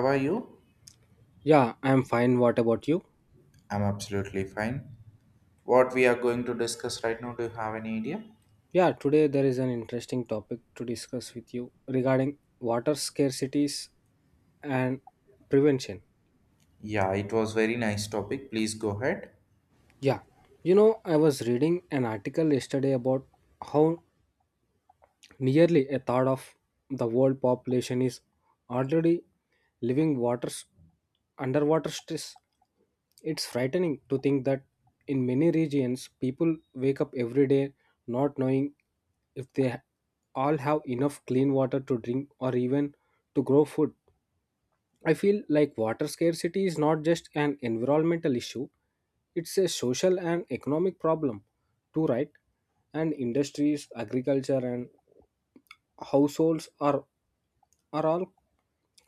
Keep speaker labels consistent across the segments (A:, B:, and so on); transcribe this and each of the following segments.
A: How are you?
B: Yeah, I'm fine. What about you?
A: I'm absolutely fine. What we are going to discuss right now, do you have any idea?
B: Yeah, today there is an interesting topic to discuss with you regarding water scarcities and prevention.
A: Yeah, it was very nice topic. Please go ahead.
B: Yeah, I was reading an article yesterday about how nearly a third of the world population is already living waters underwater stress. It's frightening to think that in many regions people wake up every day not knowing if they all have enough clean water to drink or even to grow food. I feel like water scarcity is not just an environmental issue, it's a social and economic problem too, right? And industries, agriculture, and households are all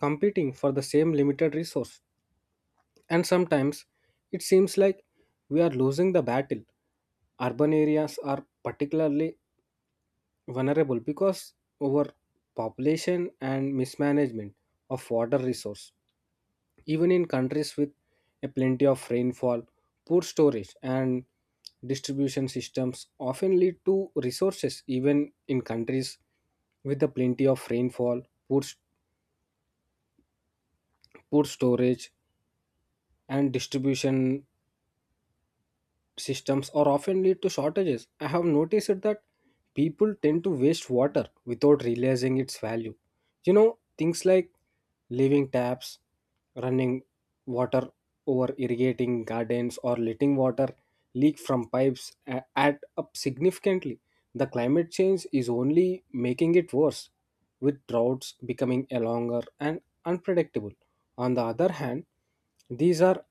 B: competing for the same limited resource, and sometimes it seems like we are losing the battle. Urban areas are particularly vulnerable because overpopulation and mismanagement of water resource, even in countries with a plenty of rainfall, poor storage and distribution systems often lead to resources. Even in countries with a plenty of rainfall, poor food storage and distribution systems or often lead to shortages. I have noticed it that people tend to waste water without realizing its value. Things like leaving taps, running water, over irrigating gardens, or letting water leak from pipes add up significantly. The climate change is only making it worse, with droughts becoming a longer and unpredictable. On the other hand, these are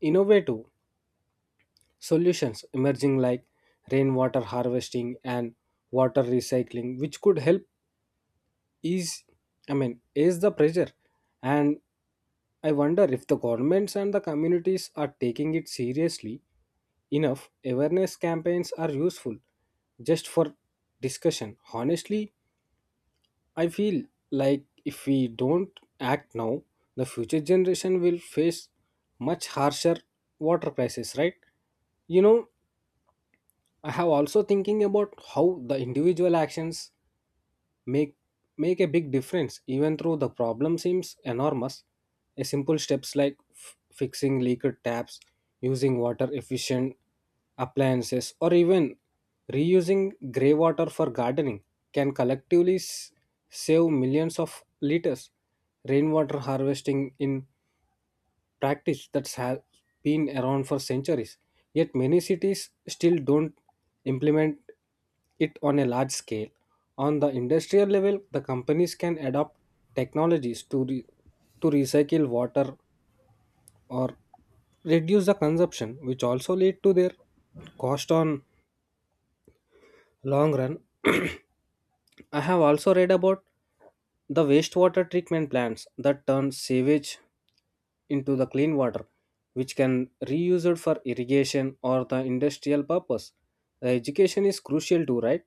B: innovative solutions emerging like rainwater harvesting and water recycling which could help ease ease the pressure, and I wonder if the governments and the communities are taking it seriously enough. Awareness campaigns are useful just for discussion. Honestly, I feel like if we don't act now, the future generation will face much harsher water crisis, right? you know I have also thinking about how the individual actions make make a big difference even though the problem seems enormous. A simple steps like fixing leaked taps, using water efficient appliances, or even reusing grey water for gardening can collectively save millions of liters. Rainwater harvesting in practice that has been around for centuries. Yet many cities still don't implement it on a large scale. On the industrial level, the companies can adopt technologies to, to recycle water or reduce the consumption, which also lead to their cost on long run. I have also read about the wastewater treatment plants that turn sewage into the clean water, which can reuse it for irrigation or the industrial purpose. The education is crucial too, right?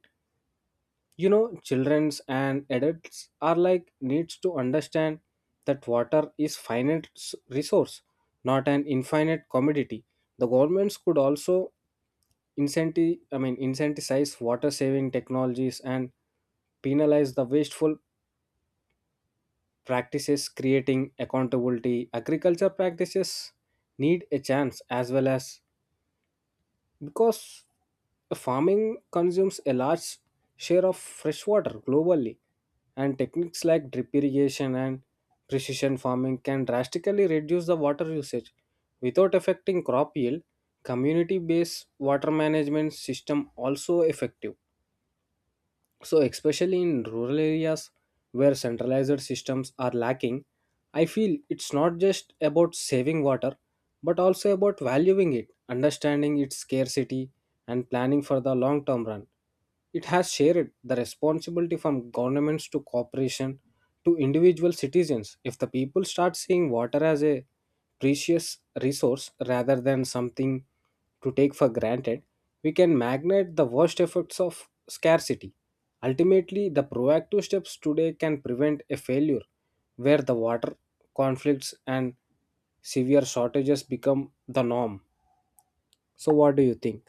B: Childrens and adults are like needs to understand that water is finite resource, not an infinite commodity. The governments could also incentivize water saving technologies and penalize the wasteful practices, creating accountability. Agriculture practices need a chance as well as, because farming consumes a large share of fresh water globally, and techniques like drip irrigation and precision farming can drastically reduce the water usage without affecting crop yield. Community based water management system also effective, so especially in rural areas where centralized systems are lacking. I feel it's not just about saving water, but also about valuing it, understanding its scarcity, and planning for the long term run. It has shared the responsibility from governments to corporation to individual citizens. If the people start seeing water as a precious resource rather than something to take for granted, we can magnate the worst effects of scarcity. Ultimately, the proactive steps today can prevent a failure where the water conflicts and severe shortages become the norm. So, what do you think?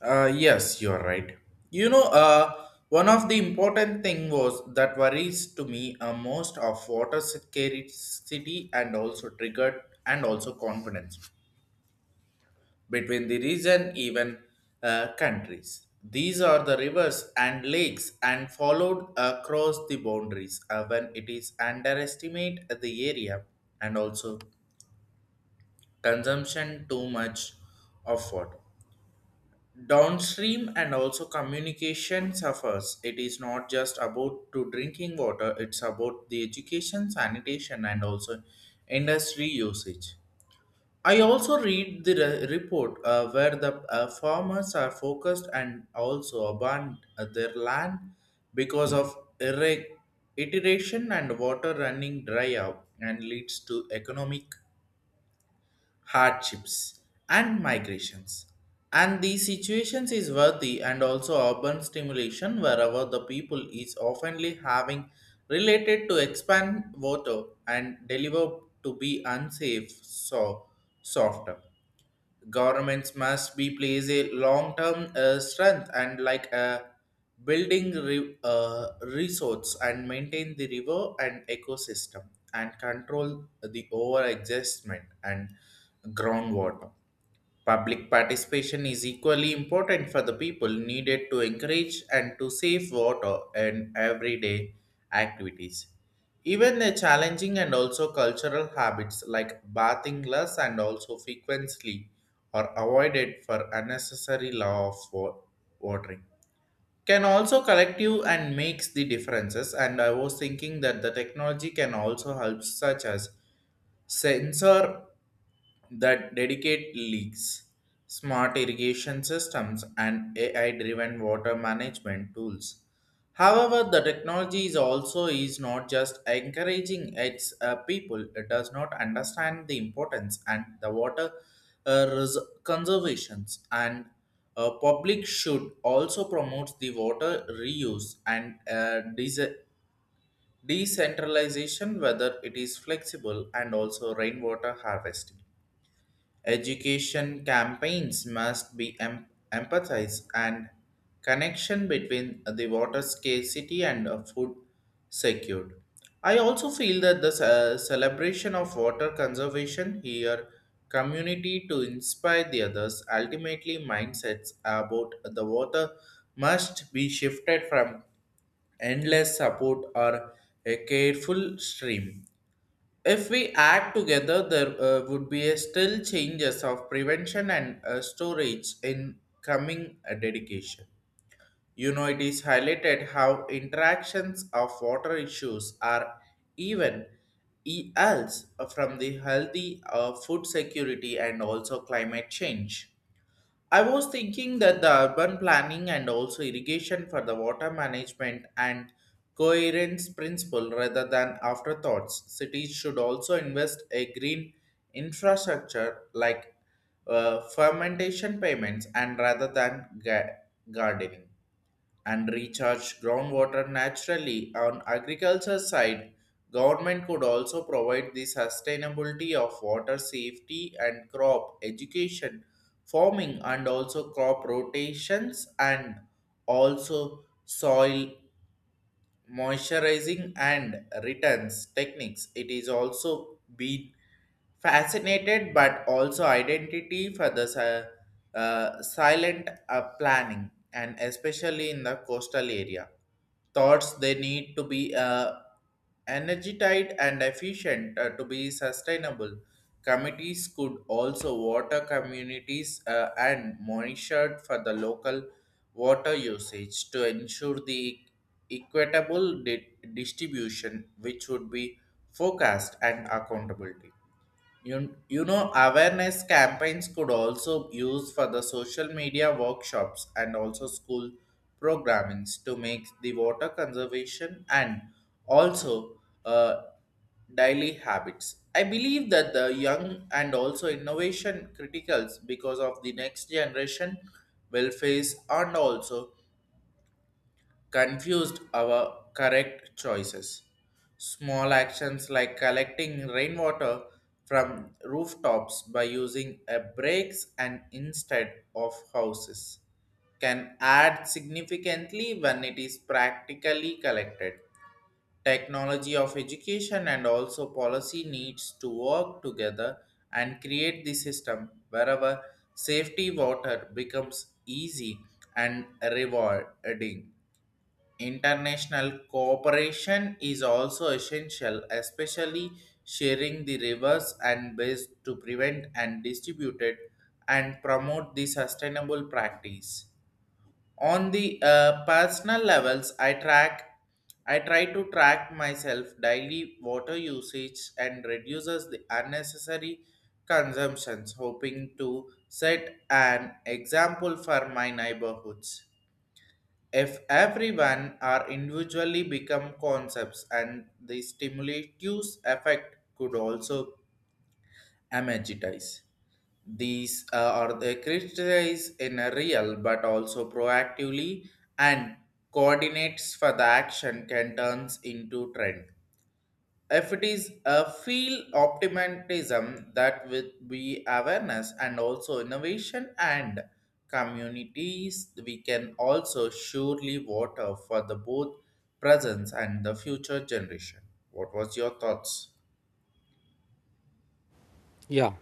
A: Yes, you're right. You know, one of the important thing was that worries to me most of water scarcity and also triggered and also confidence. Between the region even countries, these are the rivers and lakes and followed across the boundaries when it is underestimate the area and also consumption too much of water downstream and also communication suffers. It is not just about to drinking water, it's about the education, sanitation and also industry usage. I also read the report where the farmers are focused and also abandon their land because of irrigation and water running dry out and leads to economic hardships and migrations. And these situations is worthy and also urban stimulation wherever the people is oftenly having related to expand water and deliver to be unsafe, so softer. Governments must be place a long-term strength and like a building resource and maintain the river and ecosystem and control the over existment and groundwater. Public participation is equally important for the people needed to encourage and to save water in everyday activities. Even the challenging and also cultural habits like bathing less and also frequently are avoided for unnecessary law of watering can also collective and makes the differences. And I was thinking that the technology can also help such as sensor that dedicate leaks, smart irrigation systems, and AI driven water management tools. However, the technology is also is not just encouraging its people, it does not understand the importance and the water uh, res- conservations. And public should also promote the water reuse and decentralization whether it is flexible and also rainwater harvesting. Education campaigns must be empathized and connection between the water scarcity and food secured. I also feel that the celebration of water conservation here community to inspire the others. Ultimately, mindsets about the water must be shifted from endless support or a careful stream. If we add together, there would be a still changes of prevention and storage in coming dedication. You know, it is highlighted how interactions of water issues are even else from the healthy food security and also climate change. I was thinking that the urban planning and also irrigation for the water management and coherence principle rather than afterthoughts. Cities should also invest a green infrastructure like fermentation payments and rather than gardening and recharge groundwater naturally. On agriculture side, government could also provide the sustainability of water safety and crop education, farming and also crop rotations and also soil moisturizing and returns techniques. It is also been fascinated but also identity for the silent planning, and especially in the coastal area thoughts, they need to be energized and efficient to be sustainable. Committees could also water communities and monitored for the local water usage to ensure the equitable distribution which would be forecast and accountability. You know, awareness campaigns could also use for the social media workshops and also school programmings to make the water conservation and also daily habits. I believe that the young and also innovation criticals because of the next generation will face and also confused our correct choices. Small actions like collecting rainwater from rooftops by using a brakes and instead of houses can add significantly when it is practically collected. Technology of education and also policy needs to work together and create the system wherever safety water becomes easy and rewarding. International cooperation is also essential, especially sharing the rivers and waste to prevent and distribute it and promote the sustainable practice. On the personal levels, I try to track myself daily water usage and reduces the unnecessary consumptions, hoping to set an example for my neighborhoods. If everyone are individually become concepts and the stimulative effect could also emergitize. These are the crystallize in a real but also proactively and coordinates for the action can turns into trend. If it is a feel optimism that with be awareness and also innovation and communities, we can also surely water for the both presence and the future generation. What was your thoughts?
B: Yeah,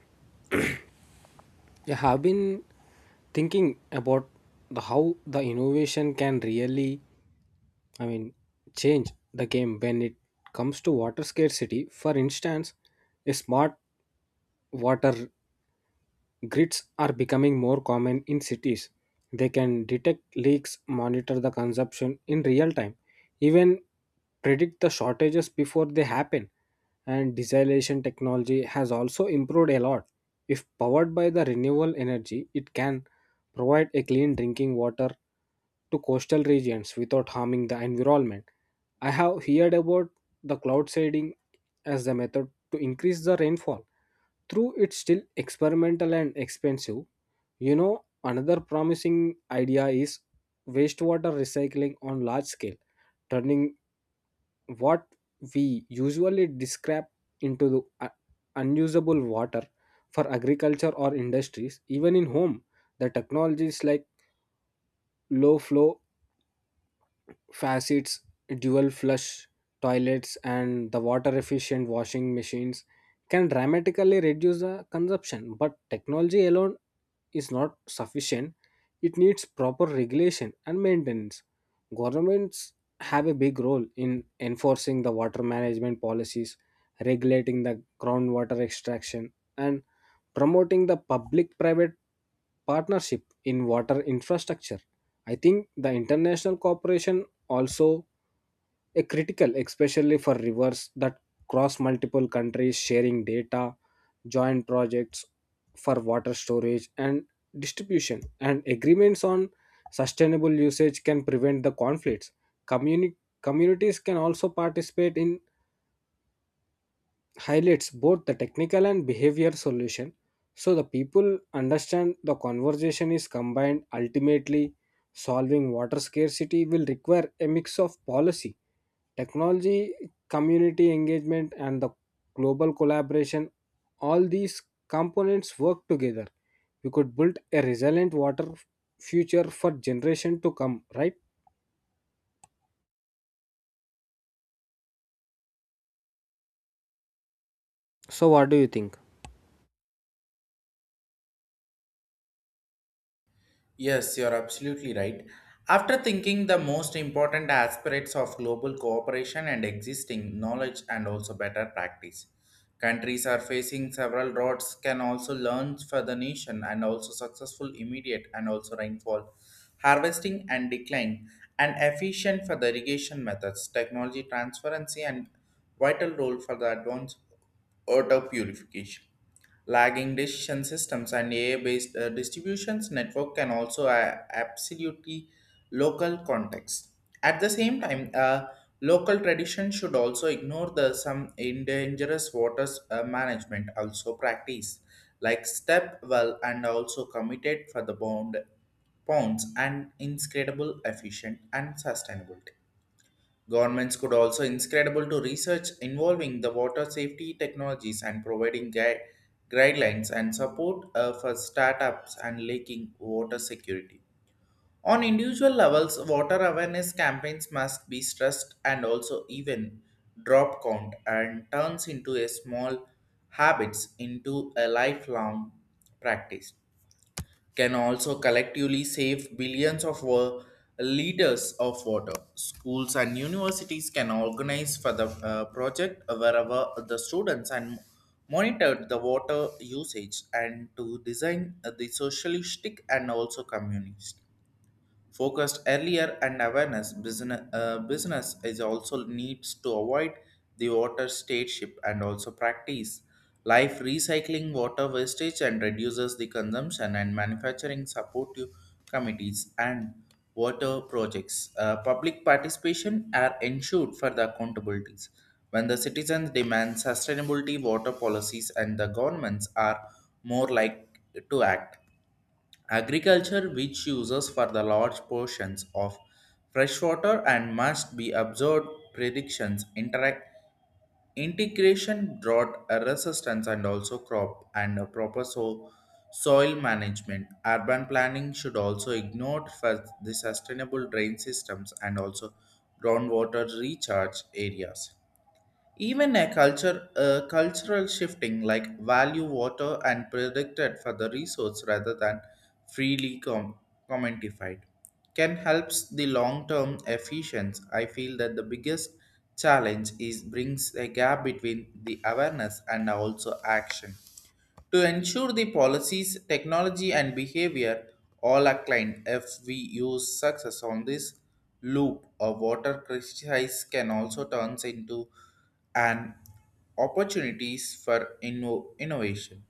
B: I have been thinking about the how the innovation can really, i mean change the game when it comes to water scarcity. For instance, a smart water grids are becoming more common in cities. They can detect leaks, monitor the consumption in real time, even predict the shortages before they happen. And desalination technology has also improved a lot. If powered by the renewable energy, it can provide a clean drinking water to coastal regions without harming the environment. I have heard about the cloud seeding as the method to increase the rainfall, through it's still experimental and expensive. Another promising idea is wastewater recycling on large scale, turning what we usually scrap into the unusable water for agriculture or industries, even in home. The technologies like low flow facets, dual flush toilets, and the water efficient washing machines can dramatically reduce the consumption. But technology alone is not sufficient, it needs proper regulation and maintenance. Governments have a big role in enforcing the water management policies, regulating the groundwater extraction, and promoting the public private partnership in water infrastructure. I think the international cooperation also a critical, especially for rivers that cross multiple countries. Sharing data, joint projects for water storage and distribution, and agreements on sustainable usage can prevent the conflicts. Communi- Communities can also participate in highlights both the technical and behavior solution, so the people understand the conversation is combined. Ultimately, solving water scarcity will require a mix of policy, technology, community engagement, and the global collaboration. All these components work together. We could build a resilient water future for generation to come, right? So what do you think?
A: Yes, you're absolutely right. After thinking the most important aspects of global cooperation and existing knowledge and also better practice, countries are facing several droughts can also learn for the nation and also successful immediate and also rainfall, harvesting and decline, and efficient for the irrigation methods, technology transferency and vital role for the advanced water purification. Lagging decision systems and AI-based distributions network can also absolutely local context. At the same time, local tradition should also ignore the some endangered waters management also practice like step well and also committed for the bond ponds and inscrutable efficient and sustainable. Governments could also inscribable to research involving the water safety technologies and providing guidelines and support for startups and leaking water security. On individual levels, water awareness campaigns must be stressed and also even drop count and turns into a small habits into a lifelong practice can also collectively save billions of liters of water. Schools and universities can organize for the project wherever the students and monitor the water usage and to design the socialistic and also communist focused earlier and awareness business, business is also needs to avoid the water stateship and also practice life recycling water wastage and reduces the consumption and manufacturing supportive committees and water projects. Public participation are ensured for the accountabilities when the citizens demand sustainability water policies and the governments are more like to act. Agriculture, which uses for the large portions of freshwater and must be observed predictions, interact, integration, drought resistance, and also crop and a proper soil management. Urban planning should also ignore for the sustainable drain systems and also groundwater recharge areas. Even a cultural shifting like value water and predicted for the resource rather than freely commodified can helps the long-term efficiency. I feel that the biggest challenge is brings a gap between the awareness and also action. To ensure the policies, technology, and behavior all align, if we use success on this loop, a water crisis can also turn into an opportunities for innovation,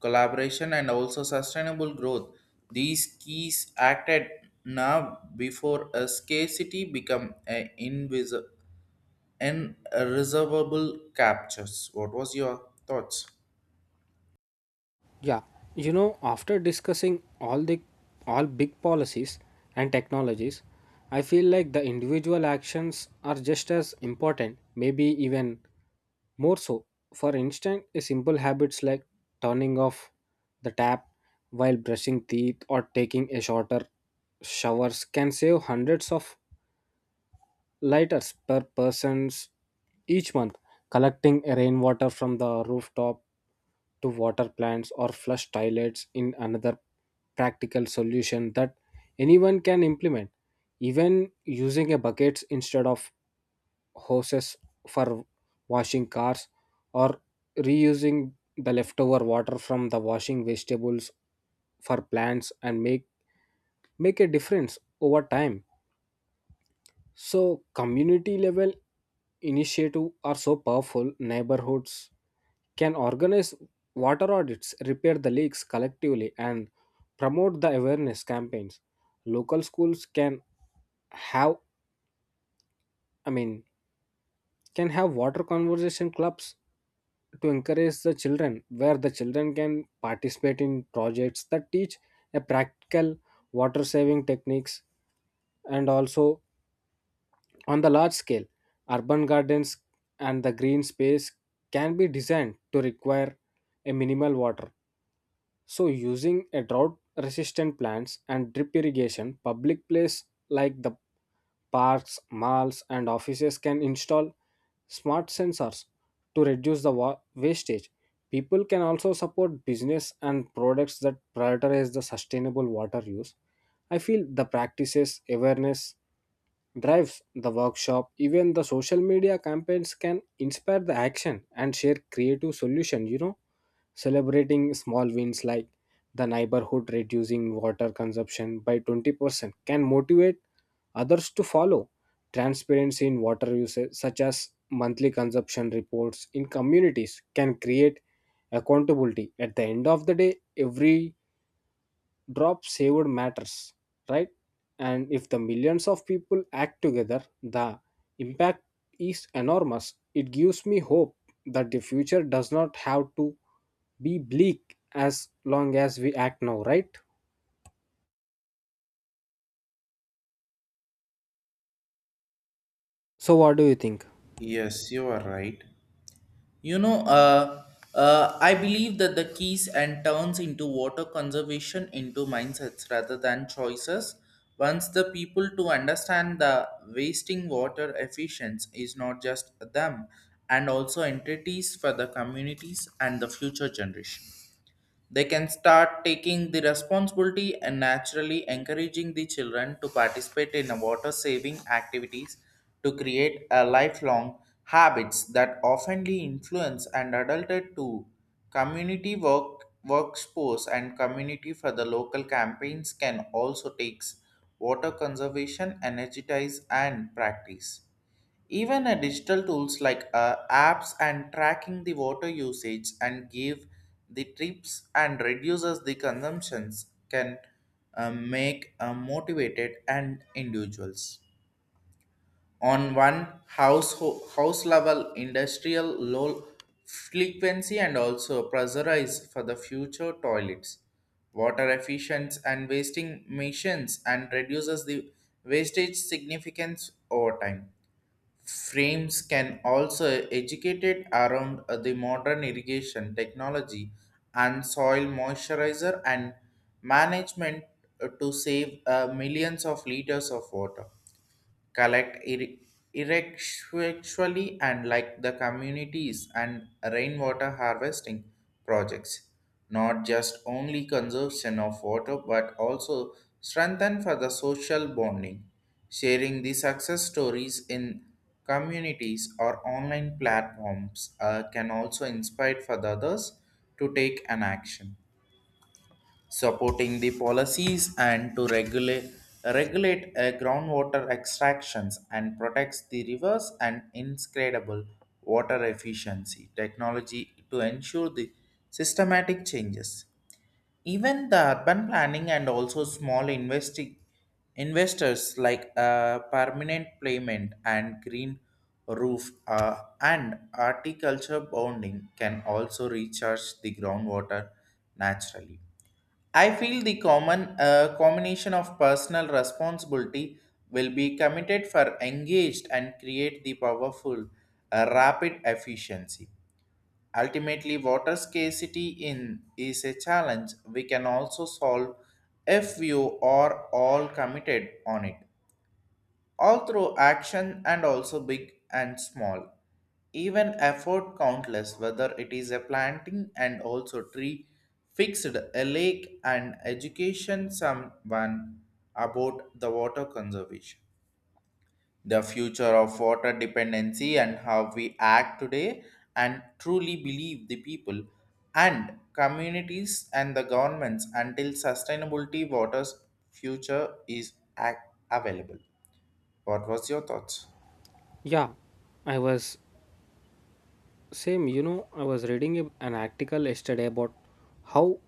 A: collaboration, and also sustainable growth. These keys acted now before a scarcity become an invisible and reservable captures. What was your thoughts?
B: Yeah, after discussing all big policies and technologies, I feel like the individual actions are just as important, maybe even more so. For instance, a simple habits like turning off the tap while brushing teeth or taking a shorter showers can save hundreds of lighters per persons each month. Collecting rainwater from the rooftop to water plants or flush toilets in another practical solution that anyone can implement. Even using a buckets instead of hoses for washing cars or reusing the leftover water from the washing vegetables for plants and make a difference over time. So, community level initiative are so powerful. Neighborhoods can organize water audits, repair the leaks collectively, and promote the awareness campaigns. Local schools can have, I mean, can have water conversation clubs to encourage the children, where the children can participate in projects that teach a practical water saving techniques and also. On the large scale, urban gardens and the green space can be designed to require a minimal water. So using a drought resistant plants and drip irrigation, public places like the parks, malls and offices can install smart sensors to reduce the wastage. People can also support business and products that prioritize the sustainable water use. I feel the practices awareness drives the workshop, even the social media campaigns can inspire the action and share creative solution. Celebrating small wins like the neighborhood reducing water consumption by 20% can motivate others to follow. Transparency in water usage such as monthly consumption reports in communities can create accountability. At the end of the day every drop saved matters, right? And if the millions of people act together, the impact is enormous. It gives me hope that the future does not have to be bleak as long as we act now, right? So what do you think?
A: Yes, you are right. You know, uh, I believe that the keys and turns into water conservation into mindsets rather than choices. Once the people to understand the wasting water efficiency is not just them and also entities for the communities and the future generation. They can start taking the responsibility and naturally encouraging the children to participate in a water saving activities to create a lifelong habits that oftenly influence and adulted to community workforce and community for the local campaigns can also takes water conservation energize and practice. Even a digital tools like apps and tracking the water usage and give the trips and reduces the consumptions can make motivated and individuals. On one house level, industrial low frequency and also pressurize for the future toilets, water efficiency and wasting missions and reduces the wastage significance over time frames can also educated around the modern irrigation technology and soil moisturizer and management to save millions of liters of water collect irrespectually, and like the communities and rainwater harvesting projects not just only conservation of water but also strengthen for the social bonding. Sharing the success stories in communities or online platforms can also inspire for the others to take an action, supporting the policies and to regulate groundwater extractions and protects the rivers and inscredible water efficiency technology to ensure the systematic changes. Even the urban planning and also small investors like permanent payment and green roof and horticulture bonding can also recharge the groundwater naturally. I feel the common combination of personal responsibility will be committed for engaged and create the powerful rapid efficiency. Ultimately, water scarcity in is a challenge we can also solve if you are all committed on it, all through action and also big and small. Even effort countless, whether it is a planting and also tree, fixed a lake and education someone about the water conservation. The future of water dependency and how we act today, and truly believe the people and communities and the governments until sustainability water's future is ac- available. What was your thoughts?
B: Yeah I was Same. I was reading an article yesterday about how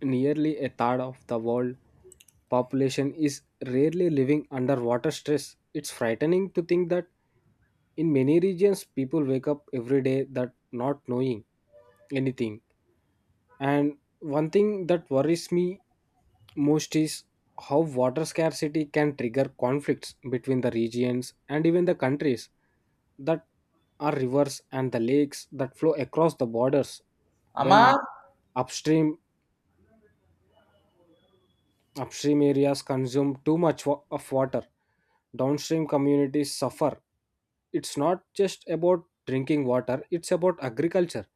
B: nearly a third of the world population is rarely living under water stress. It's frightening to think that in many regions people wake up every day that not knowing anything. And one thing that worries me most is how water scarcity can trigger conflicts between the regions and even the countries that are rivers and the lakes that flow across the borders when
A: Amar,
B: upstream upstream areas consume too much of water. Downstream communities suffer. It's not just about drinking water, it's about agriculture,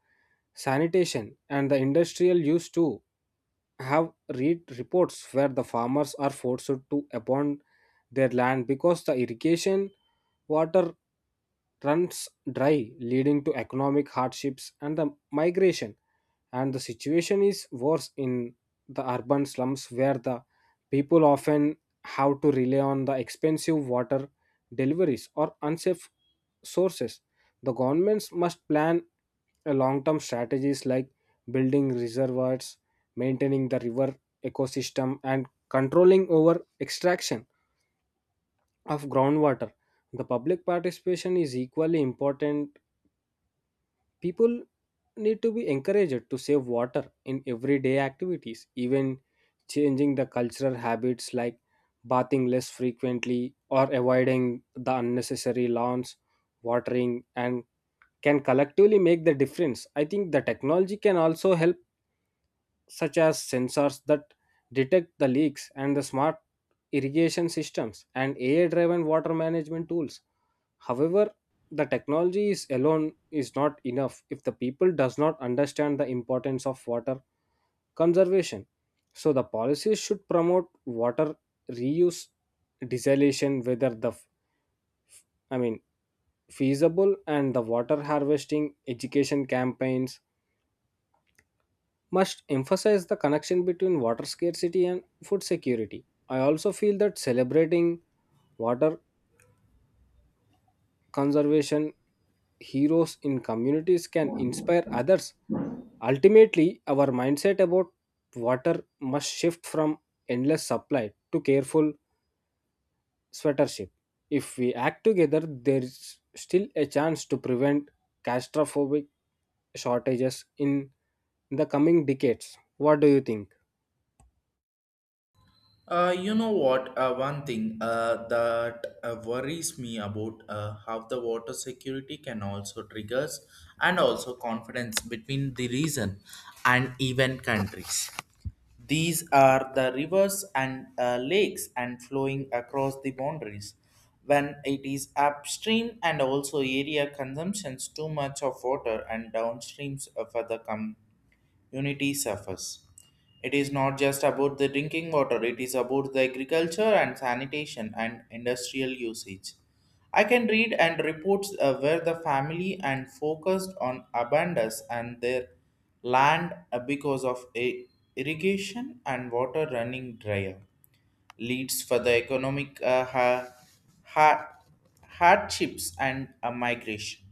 B: sanitation, and the industrial use too. Have read reports where the farmers are forced to abandon their land because the irrigation water runs dry, leading to economic hardships and the migration. And the situation is worse in the urban slums where the people often have to rely on the expensive water deliveries or unsafe sources. The governments must plan a long-term strategies like building reservoirs, maintaining the river ecosystem, and controlling over extraction of groundwater. The public participation is equally important. People need to be encouraged to save water in everyday activities. Even changing the cultural habits like bathing less frequently or avoiding the unnecessary lawns watering and can collectively make the difference. I think the technology can also help such as sensors that detect the leaks, and the smart irrigation systems and AI driven water management tools. However, the technology is alone is not enough if the people does not understand the importance of water conservation. So the policies should promote water reuse, desalination, whether the I mean feasible, and the water harvesting. Education campaigns must emphasize the connection between water scarcity and food security. I also feel that celebrating water conservation heroes in communities can inspire others. Ultimately, our mindset about water must shift from endless supply to careful stewardship. If we act together, there is still a chance to prevent catastrophic shortages in the coming decades. What do you think?
A: you know what? One thing that worries me about how the water security can also triggers and also confidence between the region and even countries. These are the rivers and lakes and flowing across the boundaries. When it is upstream and also area consumptions too much of water and downstreams further come unity suffers. It is not just about the drinking water, it is about the agriculture and sanitation and industrial usage. I can read and reports where the family and focused on abundance and their land because of a irrigation and water running drier leads for the economic ha- hardships and a migration.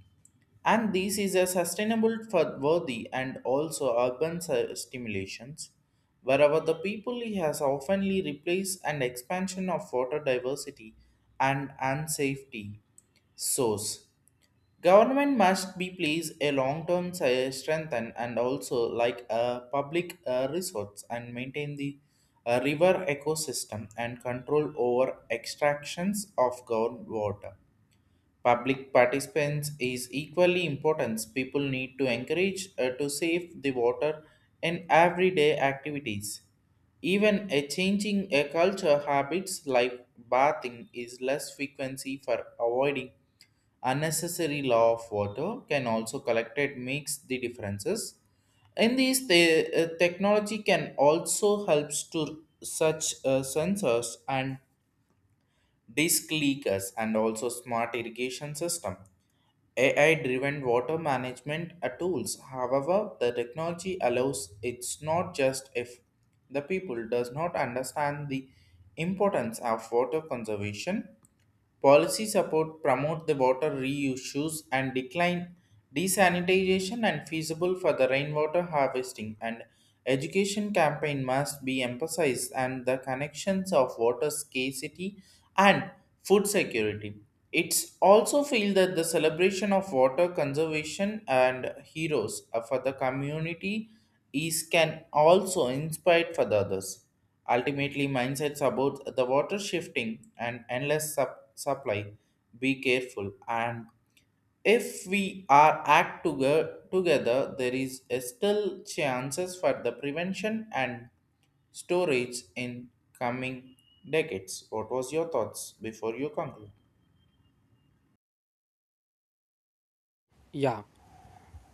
A: And this is a sustainable for worthy and also urban stimulations, wherever the people has oftenly replaced an expansion of water diversity and unsafety source. Government must be placed a long-term strengthen and also like a public resource and maintain the river ecosystem and control over extractions of groundwater. Public participants is equally important. People need to encourage to save the water in everyday activities. Even a changing a culture habits like bathing is less frequency for avoiding unnecessary law of water can also collected makes the differences. In these, the technology can also helps to such sensors and disk leakers and also smart irrigation system. AI-driven water management tools. However, the technology allows it's not just if the people does not understand the importance of water conservation. Policy support promote the water reuse and decline desanitization and feasible for the rainwater harvesting and education campaign must be emphasized and the connections of water scarcity and food security. It's also feel that the celebration of water conservation and heroes for the community is can also inspire for the others. Ultimately, mindsets about the water shifting and endless supply. Be careful, and if we are act together, there is a still chances for the prevention and storage in coming decades. What was your thoughts before you conclude?
B: Yeah.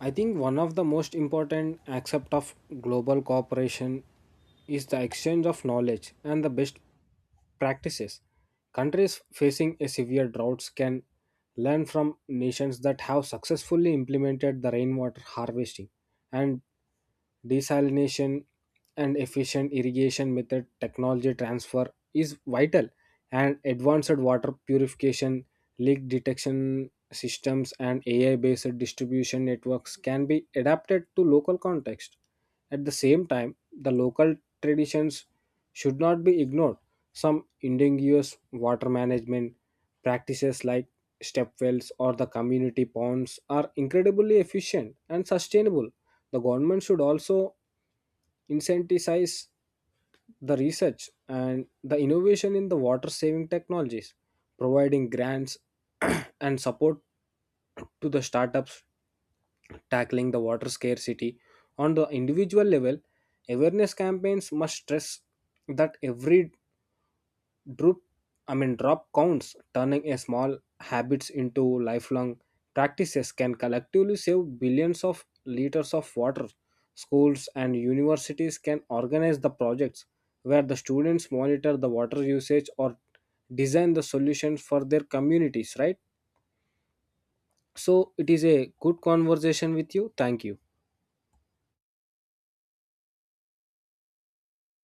B: I think one of the most important aspects of global cooperation is the exchange of knowledge and the best practices. Countries facing a severe droughts can learn from nations that have successfully implemented the rainwater harvesting and desalination and efficient irrigation method. Technology transfer is vital, and advanced water purification, leak detection systems and AI based distribution networks can be adapted to local context. At the same time, the local traditions should not be ignored. Some indigenous water management practices like step wells or the community ponds are incredibly efficient and sustainable. The government should also incentivize the research and the innovation in the water saving technologies, providing grants and support to the startups tackling the water scarcity. On the individual level, awareness campaigns must stress that every drop I mean drop counts. Turning a small habits into lifelong practices can collectively save billions of liters of water. Schools and universities can organize the projects where the students monitor the water usage or design the solutions for their communities, right? So it is a good conversation with you. Thank you.